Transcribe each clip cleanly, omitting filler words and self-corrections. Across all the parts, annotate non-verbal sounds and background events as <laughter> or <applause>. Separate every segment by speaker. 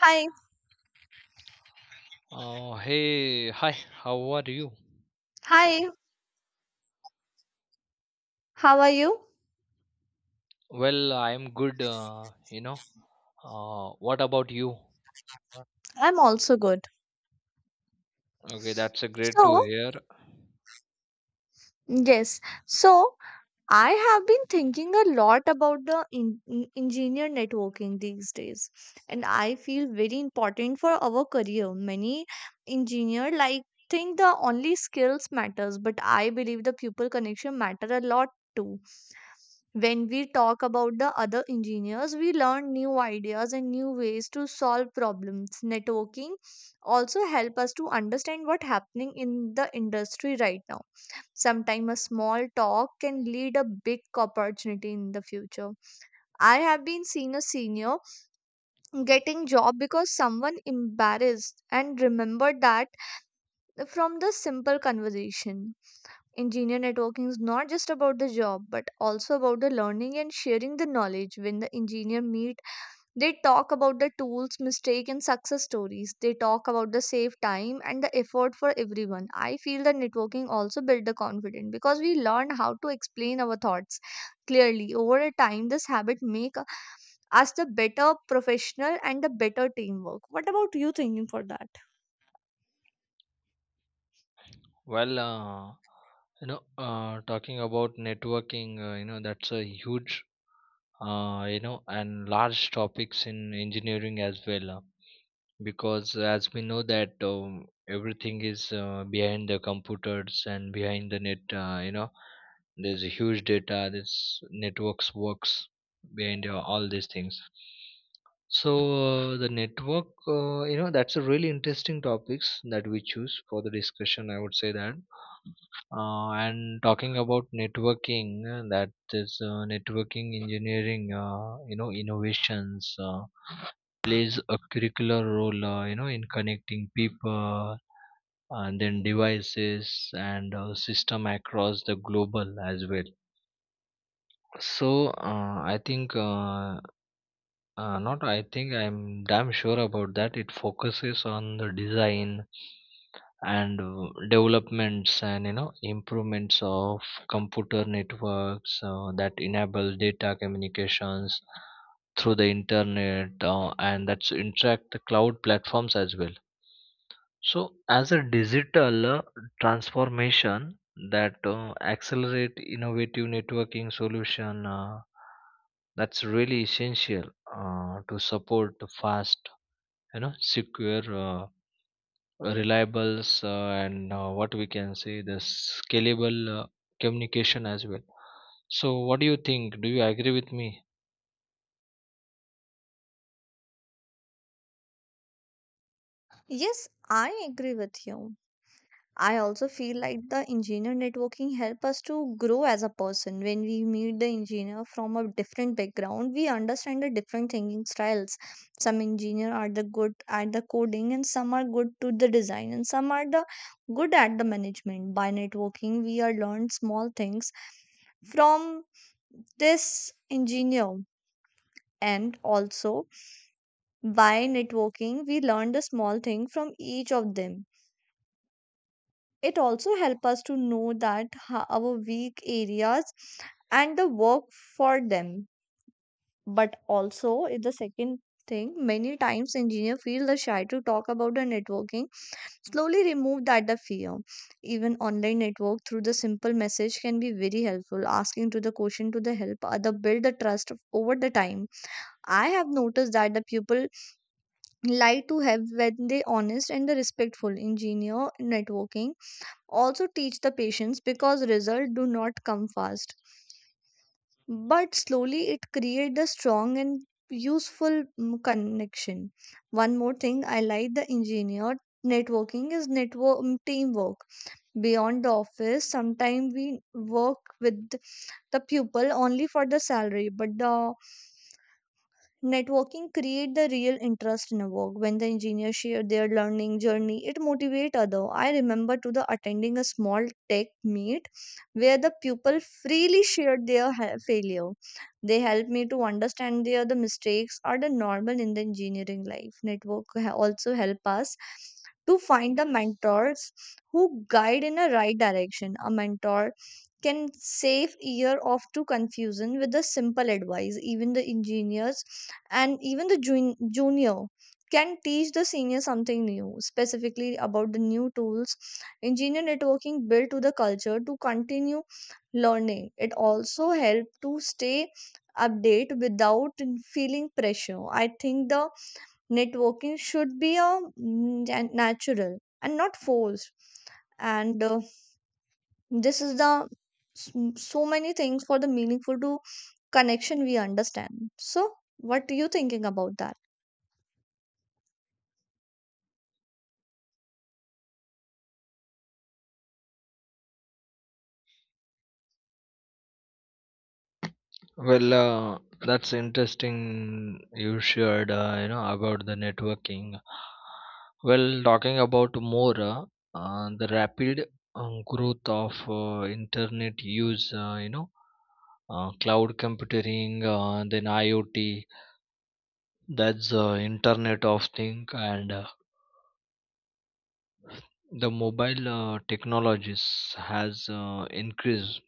Speaker 1: Hi,
Speaker 2: Hey, hi, how are you?
Speaker 1: hi, how are you?
Speaker 2: Well, I'm good, What about you?
Speaker 1: I'm also good.
Speaker 2: Okay, that's a great to
Speaker 1: So,
Speaker 2: hear.
Speaker 1: yes, so I have been thinking a lot about the engineer networking these days, and I feel very important for our career. Many engineer think the only skills matters, but I believe the pupil connection matter a lot too. When we talk about the other engineers, we learn new ideas and new ways to solve problems. Networking also help us to understand what happening in the industry right now. Sometimes a small talk can lead a big opportunity in the future. I have been seen a senior getting job because someone embarrassed and remembered that from the simple conversation. Engineer networking is not just about the job, but also about the learning and sharing the knowledge. When the engineer meet, they talk about the tools, mistake, and success stories. They talk about the save time and the effort for everyone. I feel that networking also build the confidence because we learn how to explain our thoughts clearly. Over a time, this habit make us the better professional and the better teamwork. What about you thinking for that?
Speaker 2: Well, uh, Talking about networking, that's a huge, and large topics in engineering as well. Because as we know that everything is behind the computers and behind the net. There's a huge data this networks works behind all these things. So the network, that's a really interesting topics that we choose for the discussion. I would say that and talking about networking, that is networking engineering, innovations plays a curricular role, in connecting people and then devices and system across the global as well. So I think not I think I'm damn sure about that. It focuses on the design and developments and you know improvements of computer networks that enable data communications through the internet and that's interact the cloud platforms as well. So as a digital transformation that accelerate innovative networking solution that's really essential to support fast, you know, secure, reliable, and what we can say the scalable communication as well. So, what do you think? Do you agree with me?
Speaker 1: Yes, I agree with you. I also feel like the engineer networking help us to grow as a person. When we meet the engineer from a different background, we understand the different thinking styles. Some engineer are the good at the coding and some are good to the design and some are the good at the management. By networking, we are learned small things from this engineer, and also by networking we learn the small thing from each of them. It also helps us to know that our weak areas and the work for them, but also is the second thing. Many times engineer feel the shy to talk about the networking, slowly remove that the fear. Even online network through the simple message can be very helpful, asking to the question to the help other build the trust over the time. I have noticed that the people like to have when they honest and the respectful engineer. Networking also teach the patience because results do not come fast, but slowly it creates a strong and useful connection. One more thing I like the engineer networking is network teamwork beyond the office. Sometimes we work with the pupil only for the salary, but the networking create the real interest in a work. When the engineers share their learning journey, it motivate other. I remember to the attending a small tech meet where the people freely shared their failure. They helped me to understand their the mistakes are the normal in the engineering life. Network also help us to find the mentors who guide in a right direction. A mentor can save year of to confusion with the simple advice. Even the engineers and even the junior can teach the senior something new specifically about the new tools. Engineer networking built to the culture to continue learning. It also helped to stay update without feeling pressure. I think the networking should be a natural and not forced, and this is the s- so many things for the meaningful to connection we understand. So what are you thinking about that?
Speaker 2: Well, that's interesting. You shared, about the networking. Well, talking about more, the rapid growth of internet use, cloud computing, then IoT, that's the internet of Things, and the mobile technologies has increased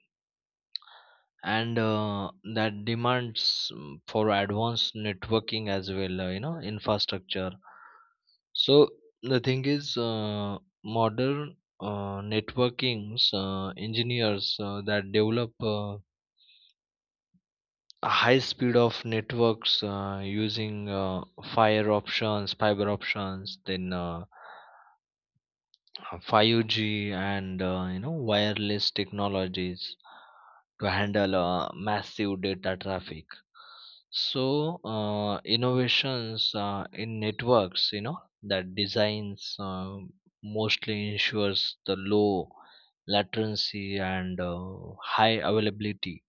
Speaker 2: and that demands for advanced networking as well infrastructure. So the thing is modern networkings engineers that develop a high speed of networks using fire options fiber options, then 5G and wireless technologies to handle massive data traffic. So innovations in networks, you know, that designs mostly ensures the low latency and high availability,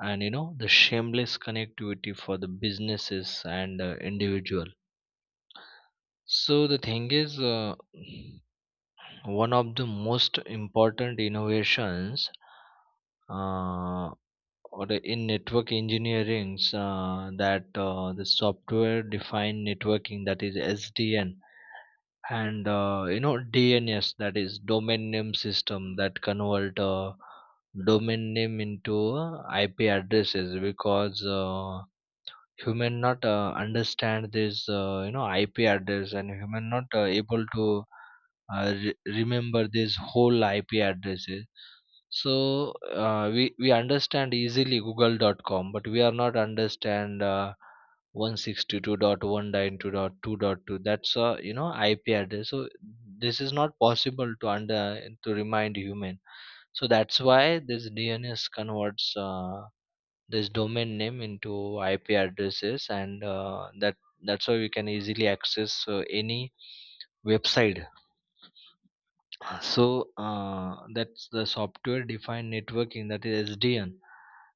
Speaker 2: and you know the shameless connectivity for the businesses and individual. So the thing is. One of the most important innovations uh, or in network engineering that the software defined networking, that is SDN, and DNS, that is domain name system, that convert domain name into IP addresses, because human not understand this IP address, and human not able to remember this whole IP addresses. So we understand easily google.com, but we are not understand 162.192.2.2, that's a you know IP address. So this is not possible to under to remind human. So that's why this DNS converts this domain name into IP addresses, and that's how we can easily access any website. So that's the software defined networking, that is SDN,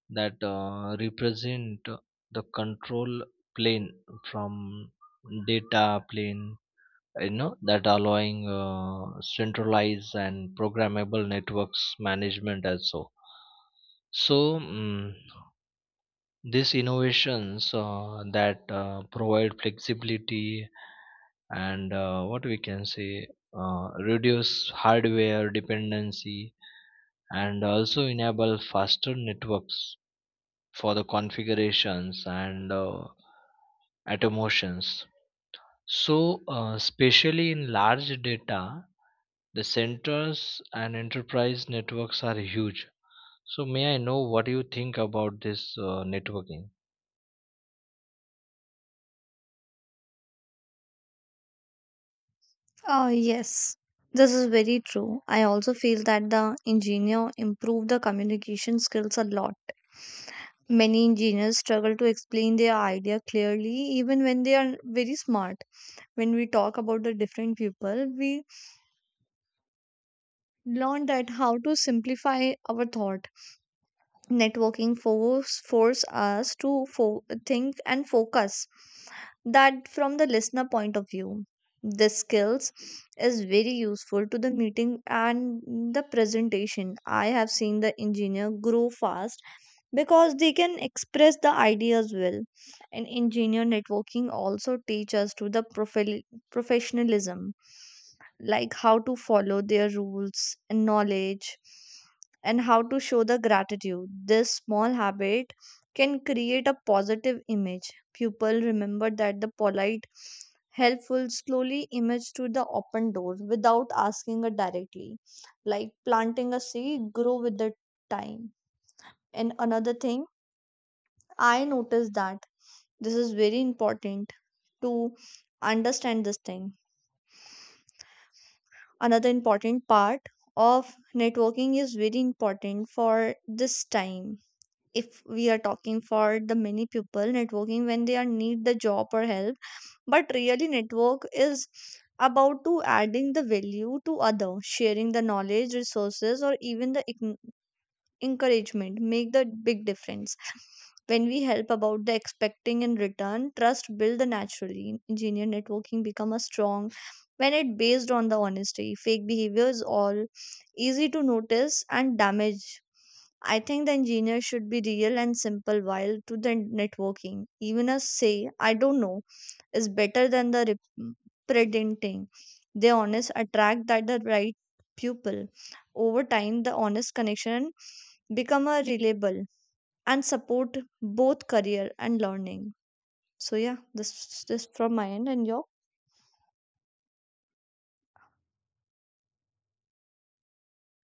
Speaker 2: that represent the control plane from data plane, you know, that allowing centralized and programmable networks management also. so mm These innovations that provide flexibility and what we can say reduce hardware dependency and also enable faster networks for the configurations and automations. So, especially in large data, the centers and enterprise networks are huge. So, may I know what you think about this networking?
Speaker 1: Oh, yes, this is very true. I also feel that the engineer improved the communication skills a lot. Many engineers struggle to explain their idea clearly, even when they are very smart. When we talk about the different people, we learn that how to simplify our thought. Networking force us to think and focus that from the listener point of view. This skills is very useful to the meeting and the presentation. I have seen the engineer grow fast because they can express the ideas well. And engineer networking also teaches us to the professionalism, like how to follow their rules and knowledge and how to show the gratitude. This small habit can create a positive image. People remember that the polite, helpful, slowly image to the open door without asking it directly, like planting a seed grow with the time. And another thing I noticed that this is very important to understand this thing. Another important part of networking is very important for this time. If we are talking for the many people, networking when they are need the job or help, but really network is about to adding the value to other, sharing the knowledge, resources, or even the encouragement make the big difference. When we help about the expecting in return, trust build the naturally. Engineer networking become a strong when it based on the honesty. Fake behavior is all easy to notice and damage. I think the engineer should be real and simple while to the networking. Even a say I don't know is better than the pretending. The honest attract that the right pupil. Over time, the honest connection become a reliable and support both career and learning. So yeah, this from my end and your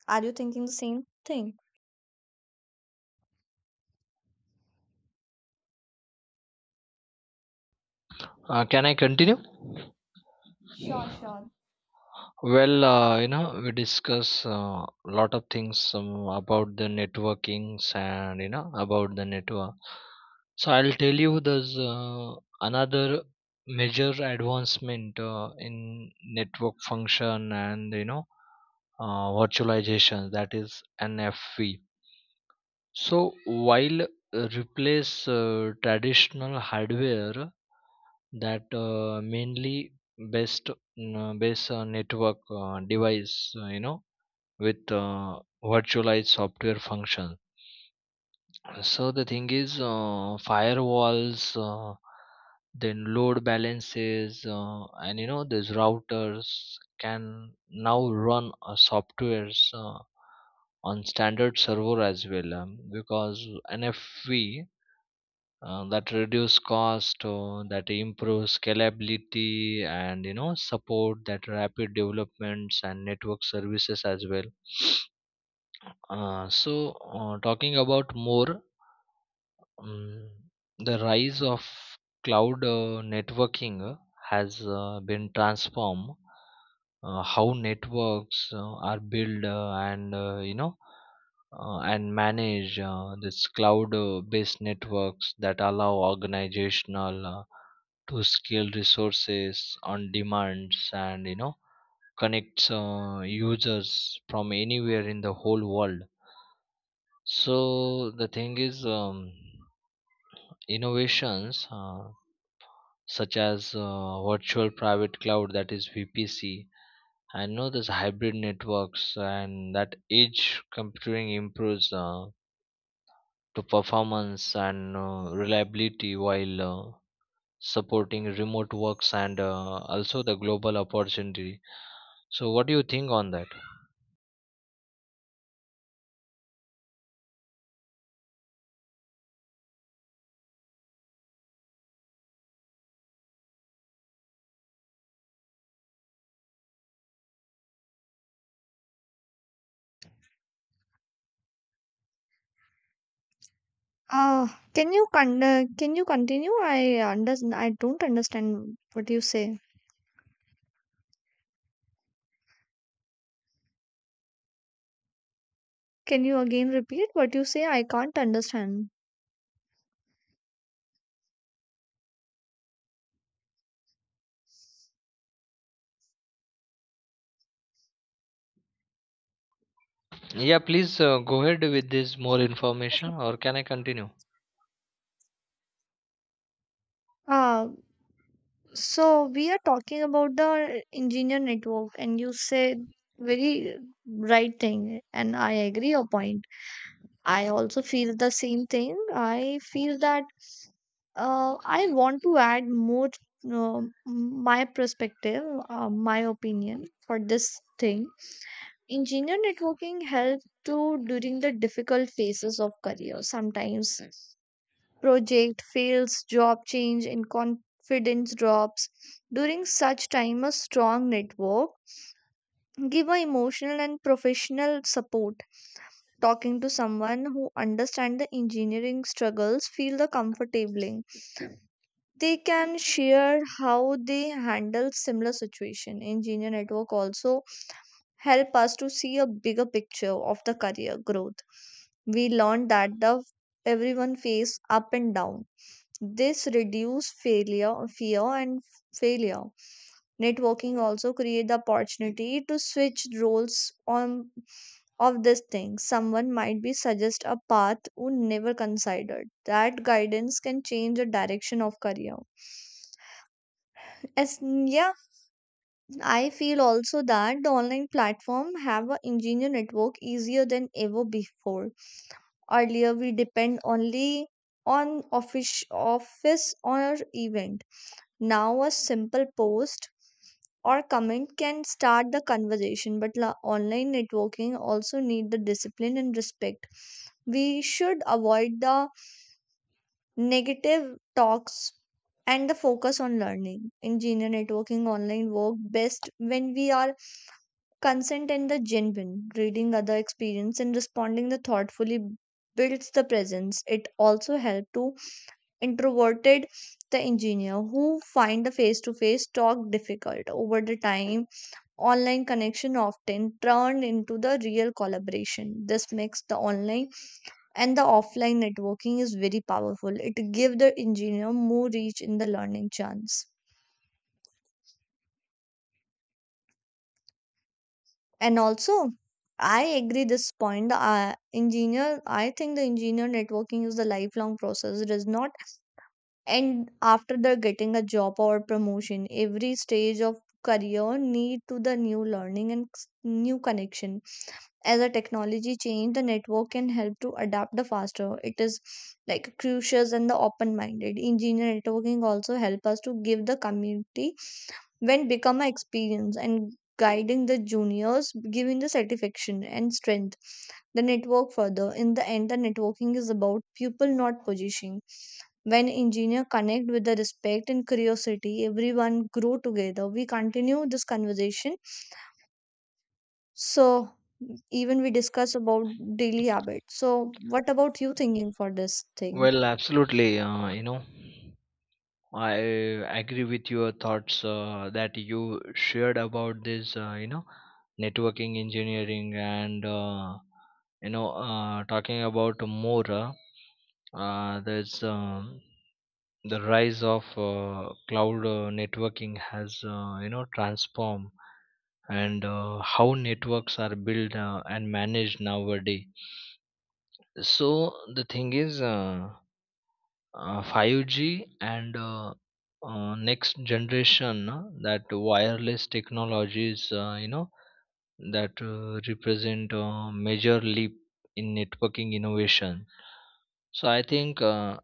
Speaker 1: are you thinking the same thing?
Speaker 2: Can I continue?
Speaker 1: Sure, sure.
Speaker 2: Well, we discuss a lot of things about the networkings and you know about the network. So I'll tell you there's another major advancement in network function and you know virtualization, that is NFV. So while replace traditional hardware that mainly base network device with virtualized software functions. So the thing is, firewalls, then load balances, and you know these routers can now run softwares on standard server as well, because NFV that reduce cost, that improve scalability, and you know support that rapid developments and network services as well. <sniffs> So talking about more. Mm, the rise of cloud networking has been transformed how networks are built and you know and manage this cloud based networks that allow organizational to scale resources on demands, and you know connects users from anywhere in the whole world. So the thing is innovations such as virtual private cloud, that is VPC, I know this hybrid networks, and that edge computing improves to performance and reliability, while supporting remote works and also the global opportunity. So what do you think on that?
Speaker 1: Uh, can you can you continue? I don't understand what you say. Can you again repeat what you say? I can't understand.
Speaker 2: Yeah, please, go ahead with this more information, or can I continue?
Speaker 1: Uh, so we are talking about the engineer network, and you said very right thing, and I agree your point. I also feel the same thing. I feel that I want to add more my perspective, my opinion for this thing. Engineer networking helps to during the difficult phases of career. Sometimes project fails, job change, and confidence drops. During such time, a strong network give a emotional and professional support. Talking to someone who understands the engineering struggles feel the comfortably. They can share how they handle similar situation. Engineer network also help us to see a bigger picture of the career growth. We learn that the everyone face up and down. This reduce failure, fear and failure. Networking also create the opportunity to switch roles on of this thing. Someone might be suggest a path we never considered. That guidance can change the direction of career. As yeah, I feel also that the online platform have a engineer network easier than ever before. Earlier we depend only on office office or event. Now a simple post or comment can start the conversation. But online networking also need the discipline and respect. We should avoid the negative talks and the focus on learning. Engineer networking online work best when we are consent and the genuine. Reading other experience and responding the thoughtfully builds the presence. It also help to introverted the engineer who find the face-to-face talk difficult. Over the time, online connection often turned into the real collaboration. This makes the online and the offline networking is very powerful. It give the engineer more reach in the learning chance. And also I agree this point. The engineer, I think the engineer networking is the lifelong process. It is not end after the getting a job or promotion. Every stage of career need to the new learning and new connection. As a technology change, the network can help to adapt the faster. It is like crucial and the open minded. Engineer networking also help us to give the community when become a experience and guiding the juniors, giving the satisfaction and strength the network further. In the end, the networking is about people, not position. When engineer connect with the respect and curiosity, everyone grow together. We continue this conversation, so even we discuss about daily habits. So what about you thinking for this thing?
Speaker 2: Well, absolutely, I agree with your thoughts that you shared about this, networking engineering and talking about more. There's the rise of cloud networking has transformed and how networks are built and managed nowadays. So the thing is. 5G and next generation that wireless technologies that represent a major leap in networking innovation. So I think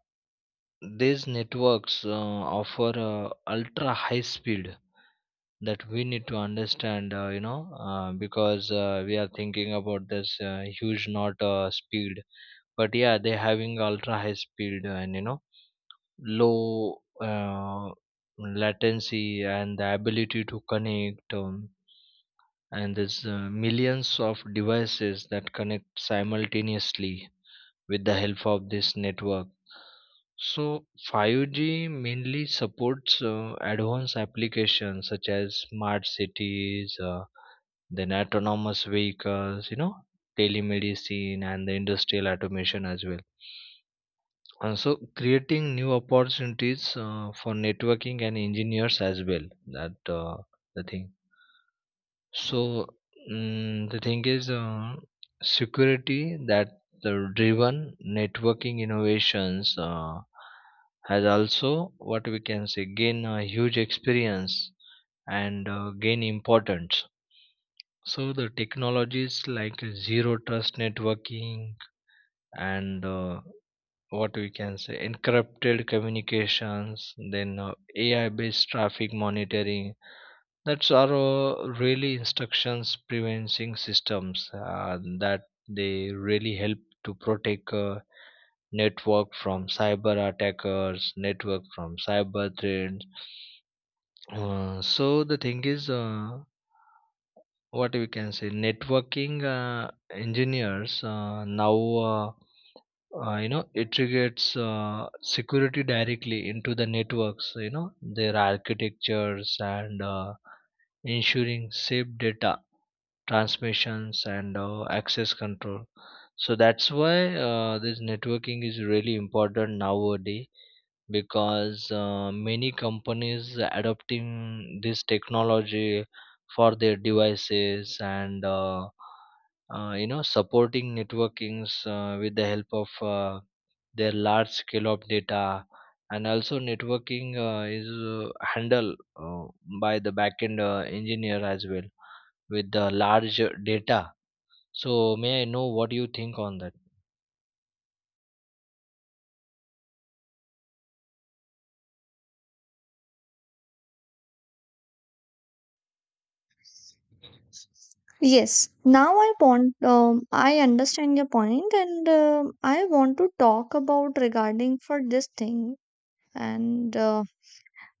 Speaker 2: these networks offer ultra high speed that we need to understand because we are thinking about this huge not speed. But yeah, they having ultra high speed and you know low latency and the ability to connect and there's millions of devices that connect simultaneously with the help of this network. So 5G mainly supports advanced applications such as smart cities, then autonomous vehicles, you know, telemedicine, and the industrial automation as well, and so creating new opportunities for networking and engineers as well. That the thing. So the thing is security that the driven networking innovations has also what we can say gain a huge experience and gain importance. So the technologies like zero trust networking and what we can say encrypted communications, then AI based traffic monitoring, that's are really instructions preventing systems that they really help to protect network from cyber attackers, network from cyber threats. So the thing is what we can say networking engineers now uh, integrates security directly into the networks, you know, their architectures and ensuring safe data transmissions and access control. So that's why this networking is really important nowadays, because many companies adopting this technology for their devices and supporting networkings with the help of their large scale of data. And also networking is handled by the backend engineer as well with the large data. So may I know what you think on that?
Speaker 1: Yes, now I want, I understand your point and I want to talk about regarding for this thing and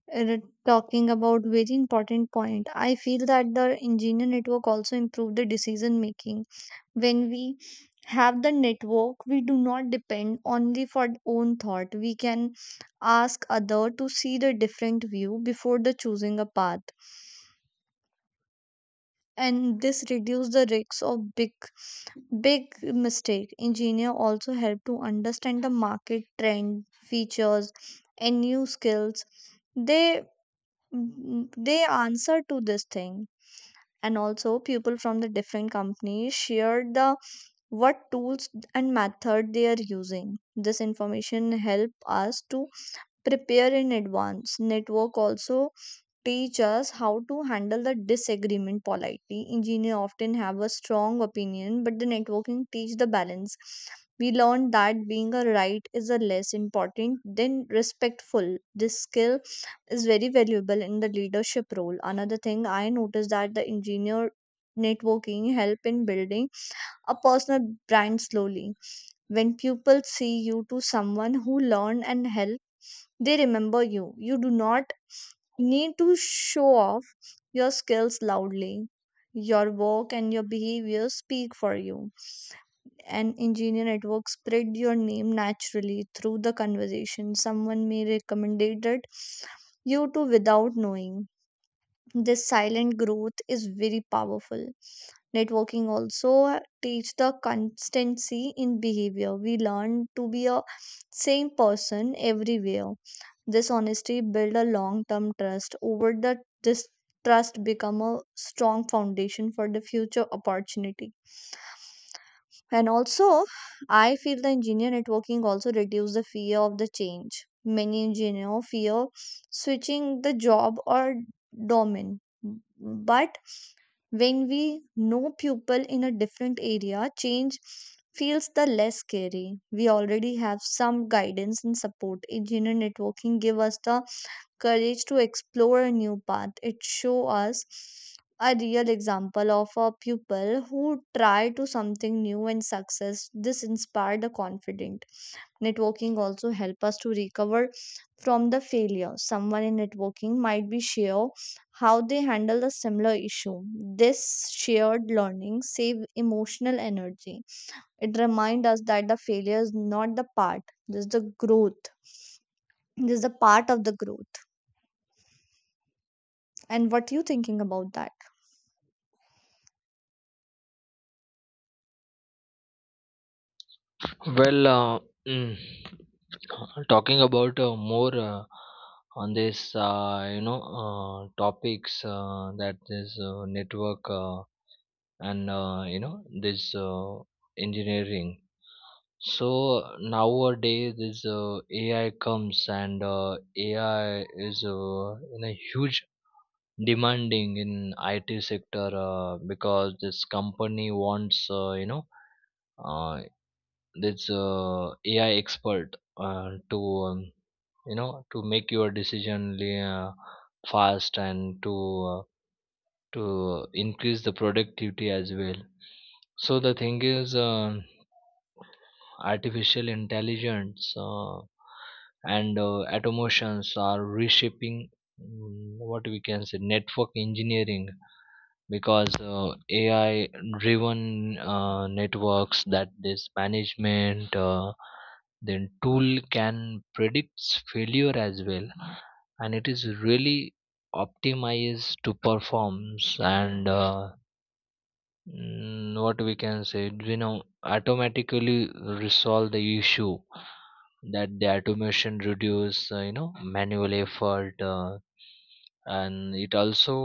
Speaker 1: talking about very important point. I feel that the engineer network also improved the decision making. When we have the network, we do not depend only for own thought. We can ask other to see the different view before the choosing a path, and this reduce the risks of big mistake. Engineer also help to understand the market trend, features, and new skills. they they answer to this thing. And also people from the different companies share the what tools and method they are using. This information help us to prepare in advance. Network also teach us how to handle the disagreement politely. Engineer often have a strong opinion, but the networking teach the balance. We learn that being a right is a less important than respectful. This skill is very valuable in the leadership role. Another thing I noticed that the engineer networking help in building a personal brand slowly. When pupils see you to someone who learn and help, they remember you. You do not need to show off your skills loudly. Your work and your behavior speak for you. An engineer network spread your name naturally through the conversation. Someone may recommend it you to without knowing. This silent growth is very powerful. Networking also teach the constancy in behavior. We learn to be a same person everywhere. This honesty build a long term trust over the this trust become a strong foundation for the future opportunity. And also I feel the engineer networking also reduce the fear of the change. Many engineer fear switching the job or domain, but when we know people in a different area, change feels the less scary. We already have some guidance and support. Engineer networking give us the courage to explore a new path. It show us a real example of a pupil who try to something new and success. This inspired the confident. Networking also help us to recover from the failure. Someone in networking might be share how they handle the similar issue. This shared learning save emotional energy. It reminds us that the failure is not the part. This is the growth. This is the part of the growth. And what you thinking about that?
Speaker 2: Well, mm, talking about more on this, topics that this network and this engineering. So nowadays, this AI comes, and AI is in a huge demanding in IT sector because this company wants Uh, this AI expert to to make your decision fast and to increase the productivity as well. So the thing is, artificial intelligence and automations are reshaping what we can say network engineering, because AI driven networks that this management then tool can predict failure as well. And it is really optimized to performs and what we can say, you know, automatically resolve the issue. That the automation reduce manual effort, and it also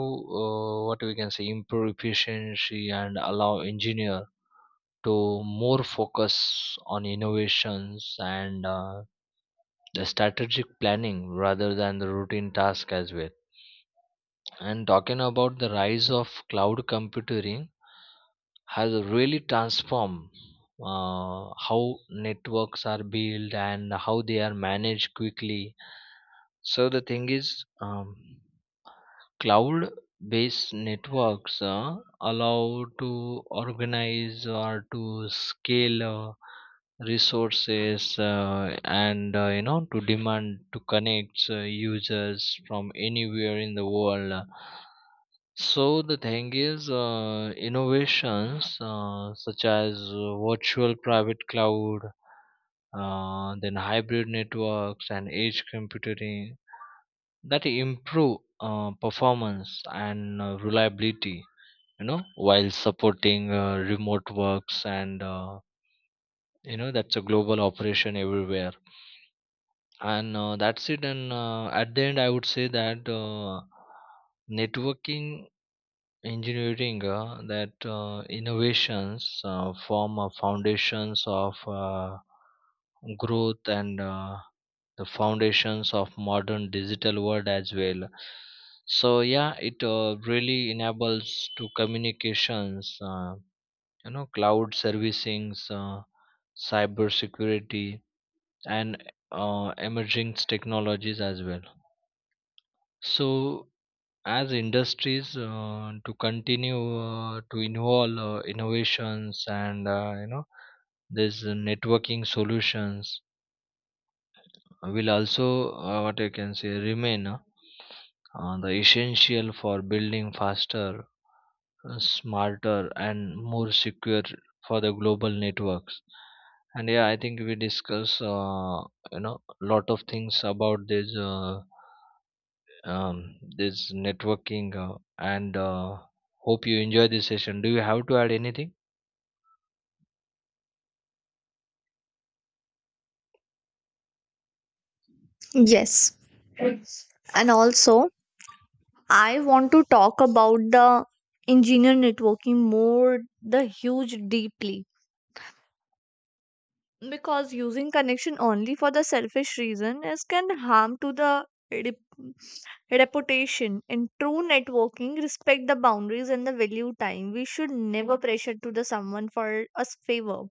Speaker 2: what we can say improve efficiency and allow engineer to more focus on innovations and the strategic planning rather than the routine task as well. And talking about the rise of cloud computing has really transformed how networks are built and how they are managed quickly. So the thing is cloud-based networks allow to organize or to scale resources and to demand to connect users from anywhere in the world. So the thing is, innovations such as virtual private cloud, then hybrid networks and edge computing that improve performance and reliability, you know, while supporting remote works and that's a global operation everywhere. And that's it. And at the end, I would say that networking engineering that innovations form a foundations of growth and the foundations of modern digital world as well. So yeah, it really enables to communications cloud servicings, cyber security, and emerging technologies as well. So as industries to continue to involve innovations and these networking solutions will also what I can say remain the essential for building faster, smarter, and more secure for the global networks. And yeah, I think we discuss lot of things about this this networking and hope you enjoy this session. Do you have to add anything?
Speaker 1: Yes, and also I want to talk about the engineer networking more the huge deeply, because using connection only for the selfish reason is can harm to the rep- reputation. In true networking, respect the boundaries and the value time. We should never pressure to the someone for a favor.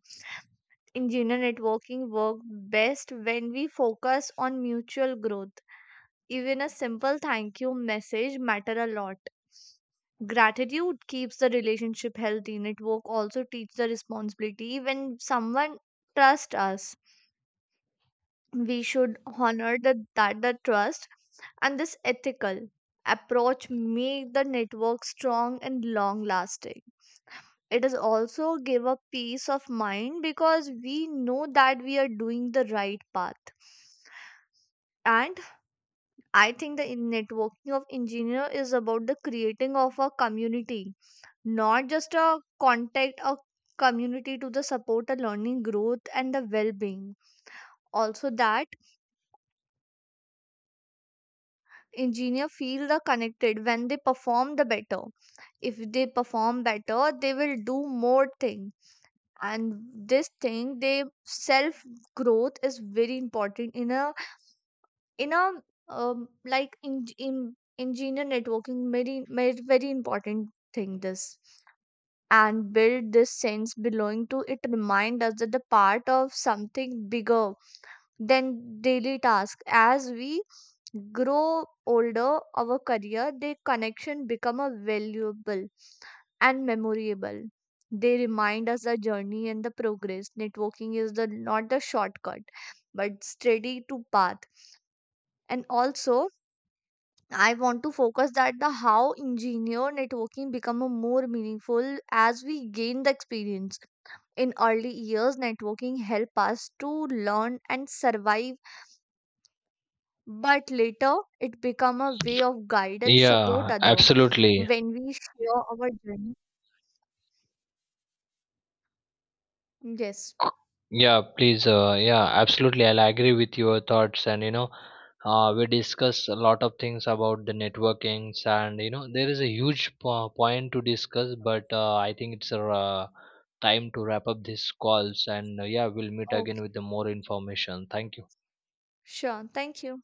Speaker 1: In general, networking work best when we focus on mutual growth. Even a simple thank you message matter a lot. Gratitude keeps the relationship healthy. Network also teach the responsibility. When someone trust us, we should honor the, that the trust, and this ethical approach make the network strong and long lasting. It is also give a peace of mind because we know that we are doing the right path. And I think the networking of engineer is about the creating of a community, not just a contact. A community to the support the learning, growth, and the well-being. Also that engineer feel the connected when they perform the better. If they perform better, they will do more thing. And this thing they self growth is very important in a in a like in engineer networking, very important thing. This and build this sense belonging to it remind us that the part of something bigger than daily tasks. As we grow older, our career, their connection become a valuable and memorable. They remind us the journey and the progress. Networking is the not the shortcut, but steady to path. And also, I want to focus that the how engineer networking become a more meaningful as we gain the experience. In early years, networking help us to learn and survive, but later it become a way of guide and support
Speaker 2: Yeah,
Speaker 1: other
Speaker 2: absolutely.
Speaker 1: when we share our journey. Yes.
Speaker 2: Yeah, please. Yeah, absolutely. I'll agree with your thoughts, and you know we discuss a lot of things about the networkings, and you know there is a huge point to discuss, but I think it's time to wrap up these calls. And yeah, we'll meet again
Speaker 1: Okay.
Speaker 2: with the more information. Thank you.
Speaker 1: Sure, thank you.